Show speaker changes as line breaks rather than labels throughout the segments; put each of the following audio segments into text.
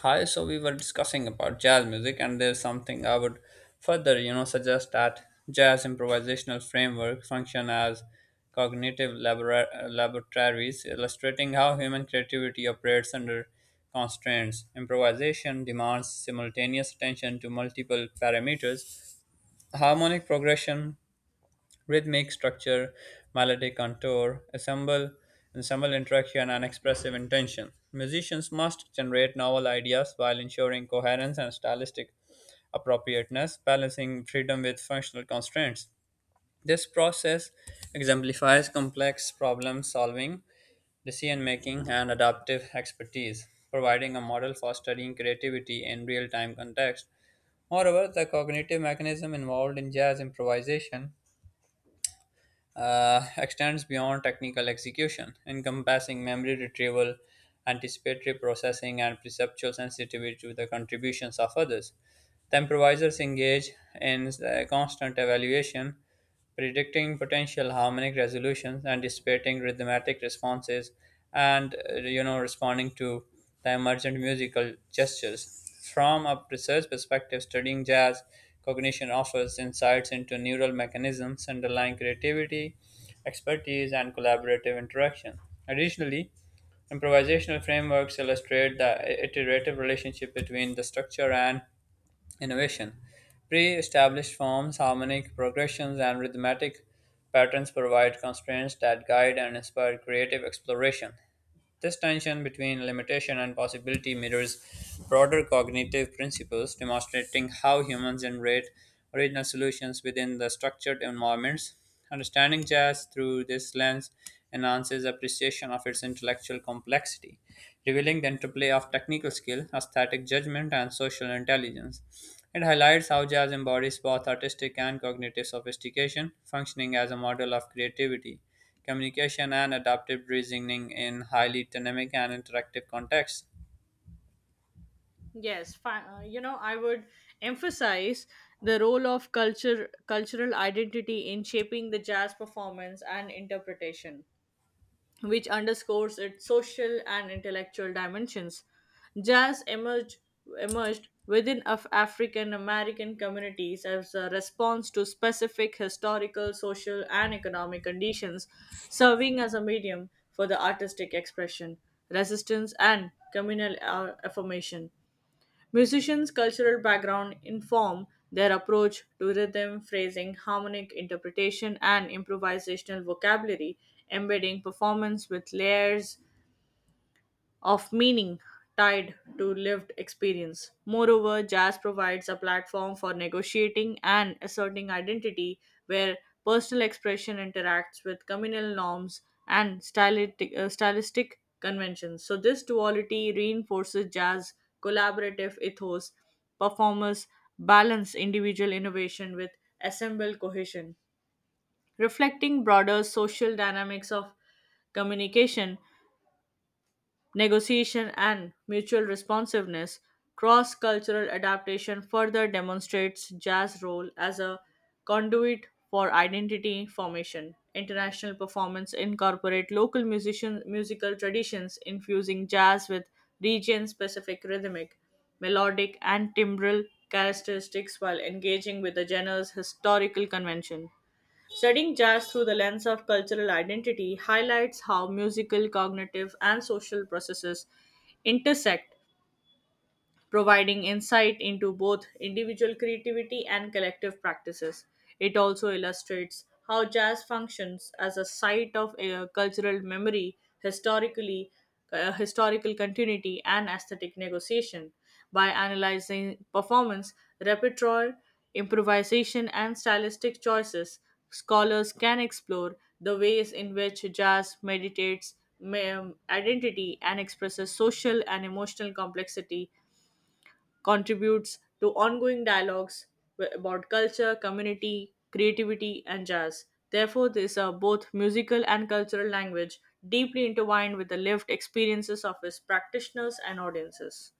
Hi, so we were discussing about jazz music, and there's something I would further, you know, suggest that jazz improvisational framework function as cognitive laboratories, illustrating how human creativity operates under constraints. Improvisation demands simultaneous attention to multiple parameters: harmonic progression, rhythmic structure, melodic contour, ensemble interaction, and expressive intention. Musicians must generate novel ideas while ensuring coherence and stylistic appropriateness, balancing freedom with functional constraints. This process exemplifies complex problem solving, decision making, and adaptive expertise, providing a model for studying creativity in real time context. Moreover, the cognitive mechanism involved in jazz improvisation extends beyond technical execution, encompassing memory retrieval, anticipatory processing, and perceptual sensitivity to the contributions of others. The improvisers engage in constant evaluation, predicting potential harmonic resolutions and anticipating rhythmic responses, and responding to the emergent musical gestures. From a research perspective, studying jazz cognition offers insights into neural mechanisms underlying creativity, expertise, and collaborative interaction. Additionally, improvisational frameworks illustrate the iterative relationship between the structure and innovation. Pre established forms, harmonic progressions, and rhythmatic patterns provide constraints that guide and inspire creative exploration. This tension between limitation and possibility mirrors broader cognitive principles, demonstrating how humans generate original solutions within the structured environments. Understanding jazz through this lens enhances appreciation of its intellectual complexity, revealing the interplay of technical skill, aesthetic judgment, and social intelligence. It highlights how jazz embodies both artistic and cognitive sophistication, functioning as a model of creativity, communication, and adaptive reasoning in highly dynamic and interactive contexts.
I would emphasize the role of culture, cultural identity in shaping the jazz performance and interpretation, which underscores its social and intellectual dimensions. Jazz emerged within African American communities as a response to specific historical, social, and economic conditions, serving as a medium for the artistic expression, resistance, and communal affirmation. Musicians' cultural background inform their approach to rhythm, phrasing, harmonic interpretation, and improvisational vocabulary, embedding performance with layers of meaning tied to lived experience. Moreover, jazz provides a platform for negotiating and asserting identity where personal expression interacts with communal norms and stylistic conventions. So, this duality reinforces jazz collaborative ethos. Performers balance individual innovation with assembled cohesion, reflecting broader social dynamics of communication negotiation, and mutual responsiveness, cross cultural adaptation further demonstrates jazz's role as a conduit for identity formation. International performance incorporate local musical traditions, infusing jazz with region specific rhythmic, melodic, and timbral characteristics while engaging with the genre's historical convention. Studying jazz through the lens of cultural identity highlights how musical, cognitive, and social processes intersect providing insight into both individual creativity and collective practices. It also illustrates how jazz functions as a site of cultural memory, historical continuity, and aesthetic negotiation. By analyzing performance, repertoire, improvisation, and stylistic choices, scholars can explore the ways in which jazz meditates identity and expresses social and emotional complexity contributes to ongoing dialogues about culture, community, creativity, and jazz. Therefore, these are both musical and cultural language deeply intertwined with the lived experiences of its practitioners and audiences.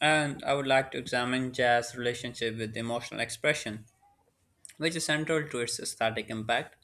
And I would like to examine jazz relationship with emotional expression, which is central to its aesthetic impact.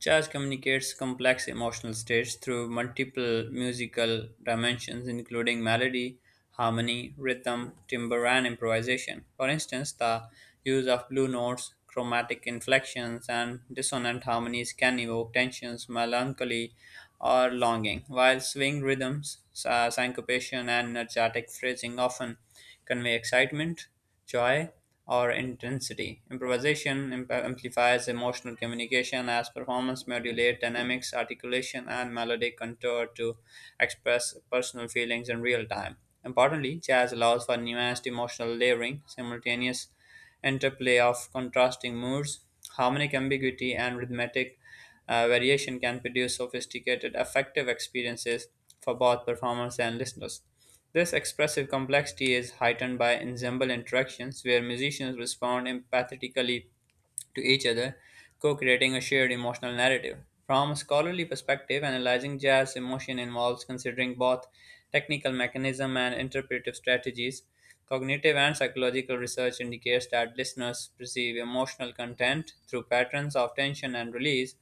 Jazz communicates complex emotional states through multiple musical dimensions, including melody, harmony, rhythm, timbre, and improvisation. For instance, the use of blue notes, chromatic inflections, and dissonant harmonies can evoke tensions, melancholy, or longing, while swing rhythms, syncopation, and energetic phrasing often convey excitement, joy, or intensity. Amplifies emotional communication as performance modulates dynamics, articulation, and melodic contour to express personal feelings in real time. Importantly, jazz allows for nuanced emotional layering, simultaneous interplay of contrasting moods, harmonic ambiguity, and rhythmic variation can produce sophisticated, affective experiences for both performers and listeners. This expressive complexity is heightened by ensemble interactions, where musicians respond empathetically to each other, co creating a shared emotional narrative. From a scholarly perspective, analyzing jazz emotion involves considering both technical mechanism and interpretive strategies. Cognitive and psychological research indicates that listeners perceive emotional content through patterns of tension and release,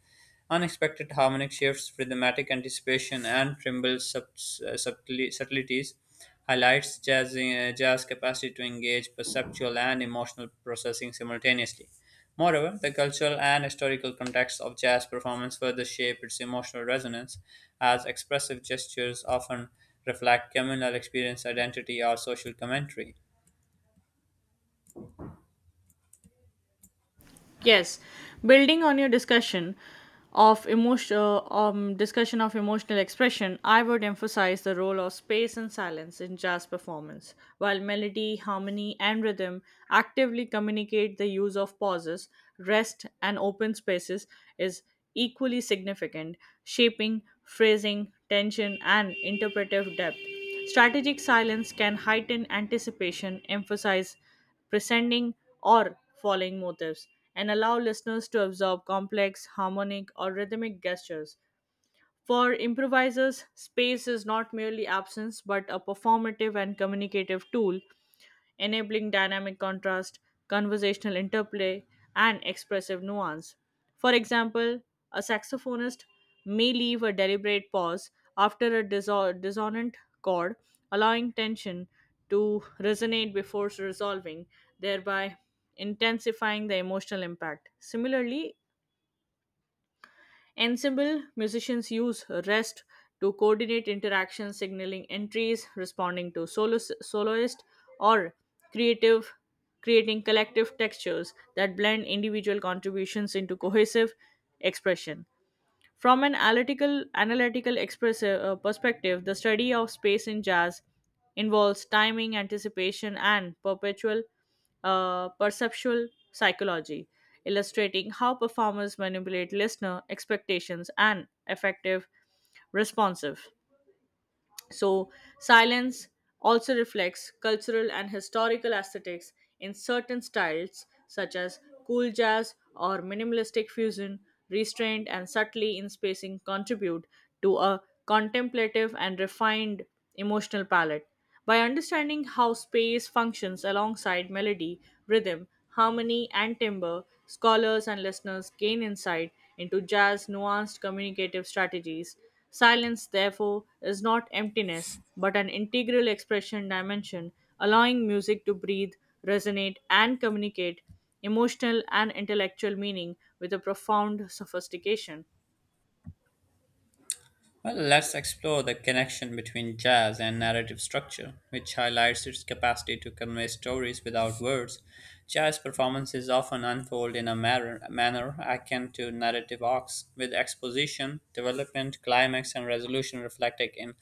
unexpected harmonic shifts, rhythmic anticipation, and subtleties highlights jazz capacity to engage perceptual and emotional processing simultaneously. Moreover, the cultural and historical context of jazz performance further shape its emotional resonance, as expressive gestures often reflect communal experience, identity, or social commentary.
Yes, building on your discussion of emotional expression, I would emphasize the role of space and silence in jazz performance. While melody, harmony, and rhythm actively communicate the use of pauses, rest, and open spaces is equally significant, shaping phrasing, tension, and interpretive depth. Strategic silence can heighten anticipation, emphasize presenting or following motifs, and allow listeners to absorb complex, harmonic, or rhythmic gestures. For improvisers, space is not merely absence but a performative and communicative tool enabling dynamic contrast, conversational interplay, and expressive nuance. For example, a saxophonist may leave a deliberate pause after a dissonant chord, allowing tension to resonate before resolving, thereby intensifying the emotional impact. Similarly, ensemble musicians use rest to coordinate interactions, signaling entries, responding to soloist, or creative creating collective textures that blend individual contributions into cohesive expression. From an perspective, the study of space in jazz involves timing, anticipation, and perpetual perceptual psychology, illustrating how performers manipulate listener expectations and effective responsive. So, silence also reflects cultural and historical aesthetics in certain styles, such as cool jazz or minimalistic fusion. Restrained and subtly in spacing contribute to a contemplative and refined emotional palette. By understanding how space functions alongside melody, rhythm, harmony, and timbre, scholars and listeners gain insight into jazz nuanced communicative strategies. Silence, therefore, is not emptiness, but an integral expression dimension, allowing music to breathe, resonate, and communicate emotional and intellectual meaning with a profound sophistication.
Well, let's explore the connection between jazz and narrative structure, which highlights its capacity to convey stories without words. Jazz performances often unfold in a manner akin to narrative arcs, with exposition, development, climax, and resolution reflected in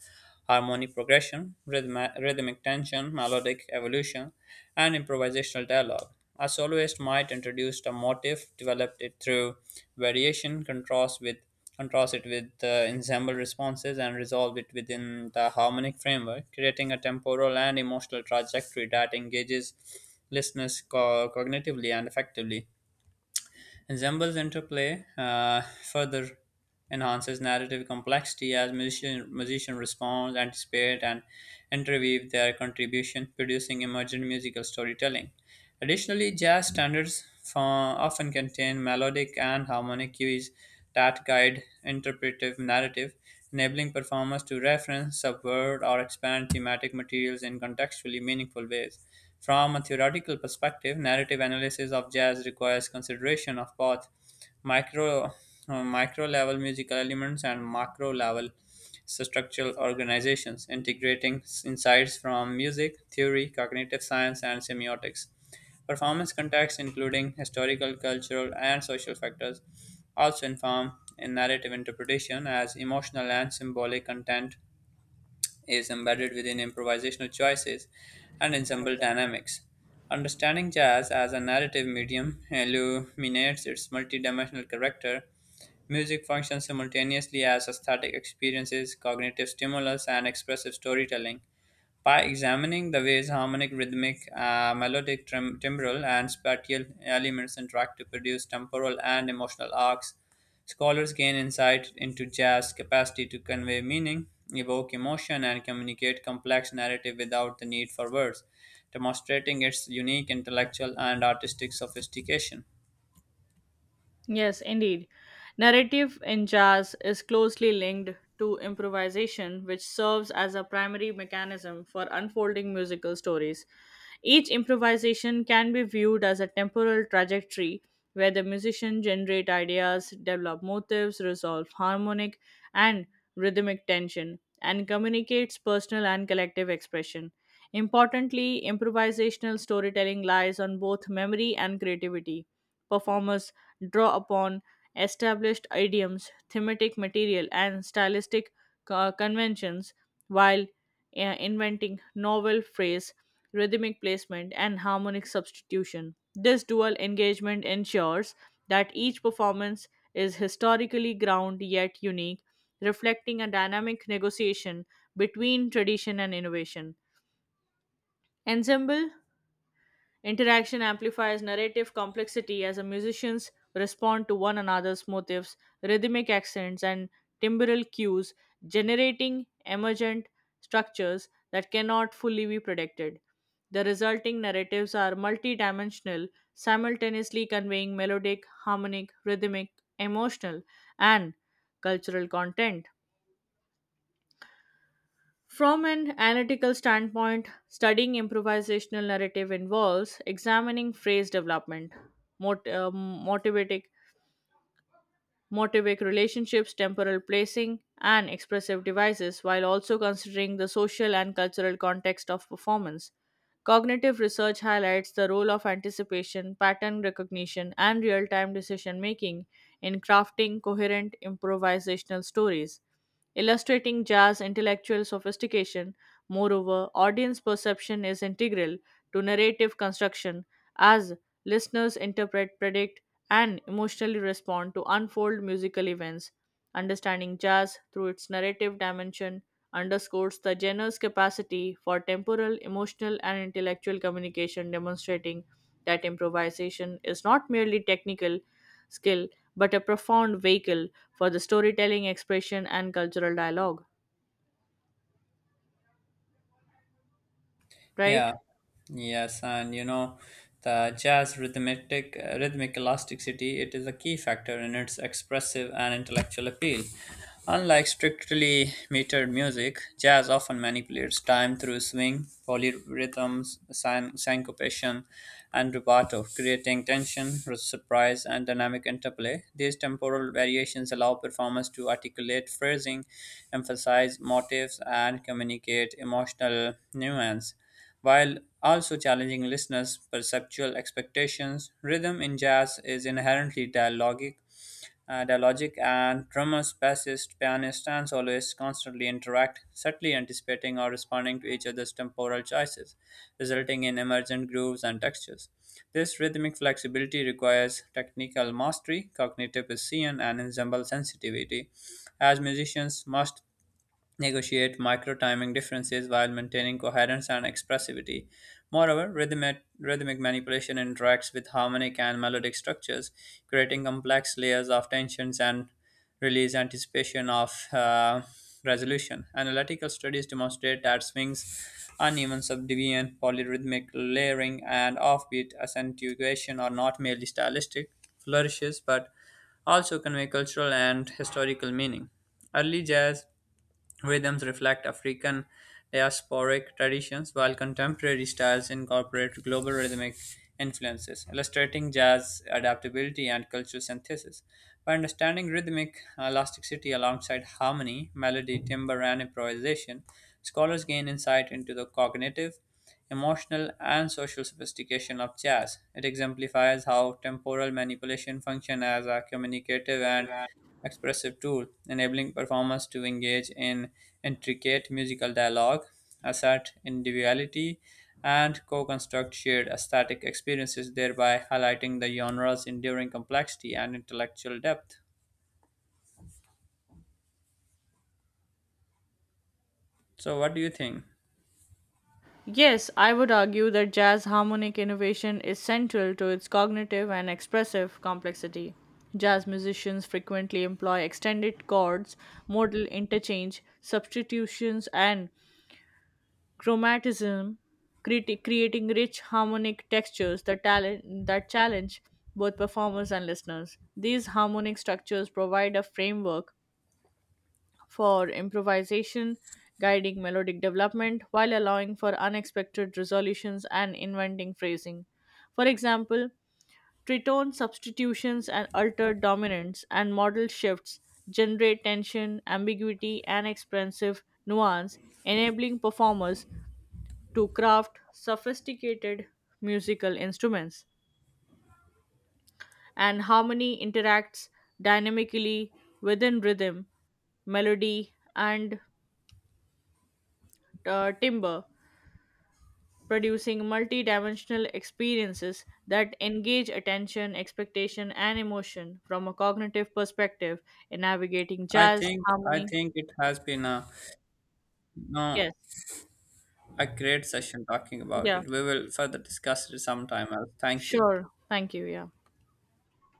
harmonic progression, rhythmic tension, melodic evolution, and improvisational dialogue. A soloist might introduce a motif, develop it through variation, contrast it with the ensemble responses, and resolve it within the harmonic framework, creating a temporal and emotional trajectory that engages listeners cognitively and effectively. Ensembles interplay further enhances narrative complexity as musician respond, anticipate, and interweave their contribution, producing emergent musical storytelling. Additionally, jazz standards often contain melodic and harmonic cues that guide interpretive narrative, enabling performers to reference, subvert, or expand thematic materials in contextually meaningful ways. From a theoretical perspective, narrative analysis of jazz requires consideration of both micro micro level musical elements and macro level structural organizations, integrating insights from music theory, cognitive science, and semiotics. Performance contexts, including historical, cultural, and social factors, also inform in narrative interpretation as emotional and symbolic content dynamics is embedded within improvisational choices and ensemble dynamics. Understanding jazz as a narrative medium illuminates its multidimensional character. Music functions simultaneously as aesthetic experiences, cognitive stimulus, and expressive storytelling. By examining the ways harmonic, rhythmic, melodic, timbral, and spatial elements interact to produce temporal and emotional arcs, scholars gain insight into jazz's capacity to convey meaning, evoke emotion, and communicate complex narrative without the need for words, demonstrating its unique intellectual and artistic sophistication.
Yes, indeed. Narrative in jazz is closely linked to improvisation, which serves as a primary mechanism for unfolding musical stories. Each improvisation can be viewed as a temporal trajectory where the musician generate ideas, develop motives, resolve harmonic and rhythmic tension, and communicates personal and collective expression. Importantly, improvisational storytelling lies on both memory and creativity performers draw upon established idioms, thematic material, and stylistic conventions while inventing novel phrase, rhythmic placement, and harmonic substitution. This dual engagement ensures that each performance is historically ground yet unique, reflecting a dynamic negotiation between tradition and innovation. Ensemble interaction amplifies narrative complexity as the musicians respond to one another's motifs, rhythmic accents, and timbral cues, generating emergent structures that cannot fully be predicted. The resulting narratives are multidimensional, simultaneously conveying melodic, harmonic, rhythmic, emotional, and cultural content. From an analytical standpoint, studying improvisational narrative involves examining phrase development, mot- uh, motivatic, motivic relationships, temporal placing, and expressive devices, while also considering the social and cultural context of performance. Cognitive research highlights the role of anticipation, pattern recognition, and real time decision making in crafting coherent improvisational stories. Illustrating Jar's intellectual sophistication, moreover, audience perception is integral to narrative construction as listeners interpret, predict, and emotionally respond to unfold musical events. Understanding jazz through its narrative dimension underscores the genre's capacity for temporal, emotional, and intellectual communication, demonstrating that improvisation is not merely technical skill but a profound vehicle for the storytelling, expression, and cultural dialogue. Right?
Yeah. Yes, and you know, the jazz rhythmic elasticity, it is a key factor in its expressive and intellectual appeal. Unlike strictly metered music, jazz often manipulates time through swing, polyrhythms, syncopation, and rubato, creating tension, surprise, and dynamic interplay. These temporal variations allow performers to articulate phrasing, emphasize motives, and communicate emotional nuance while also challenging listeners' perceptual expectations. Rhythm in jazz is inherently dialogic and drummers, bassists, pianists, and soloists constantly interact, subtly anticipating or responding to each other's temporal choices, resulting in emergent grooves and textures. This rhythmic flexibility requires technical mastery, cognitive precision, and ensemble sensitivity, as musicians must negotiate micro timing differences while maintaining coherence and expressivity. Moreover, rhythmic manipulation interacts with harmonic and melodic structures, creating complex layers of tensions and release, anticipation of resolution. Analytical studies demonstrate that swings, uneven subdivision, polyrhythmic layering, and offbeat accentuation are not merely stylistic flourishes but also convey cultural and historical meaning. Early jazz rhythms reflect African diasporic traditions, while contemporary styles incorporate global rhythmic influences, illustrating jazz adaptability and cultural synthesis. By understanding rhythmic elasticity alongside harmony, melody, timbre, and improvisation, scholars gain insight into the cognitive, emotional, and social sophistication of jazz. It exemplifies how temporal manipulation function as a communicative and expressive tool, enabling performers to engage in intricate musical dialogue, assert individuality, and co construct shared aesthetic experiences, thereby highlighting the genre's enduring complexity and intellectual depth. So, what do you think?
Yes, I would argue that jazz harmonic innovation is central to its cognitive and expressive complexity. Jazz musicians frequently employ extended chords, modal interchange, substitutions, and chromatism creating rich harmonic textures that talent that challenge both performers and listeners these harmonic structures provide a framework for improvisation guiding melodic development while allowing for unexpected resolutions and inventing phrasing for example tritone substitutions and altered dominants and modal shifts generate tension ambiguity and expressive nuance enabling performers to craft sophisticated musical instruments, and harmony interacts dynamically within rhythm, melody, and timbre, producing multi dimensional experiences that engage attention, expectation, and emotion from a cognitive perspective in navigating
I
jazz,
think I
harmony.
think it has been a no
Yes.
a great session talking about
Yeah.
it. We will further discuss it sometime else. Thank you.
Sure. Thank you. Yeah.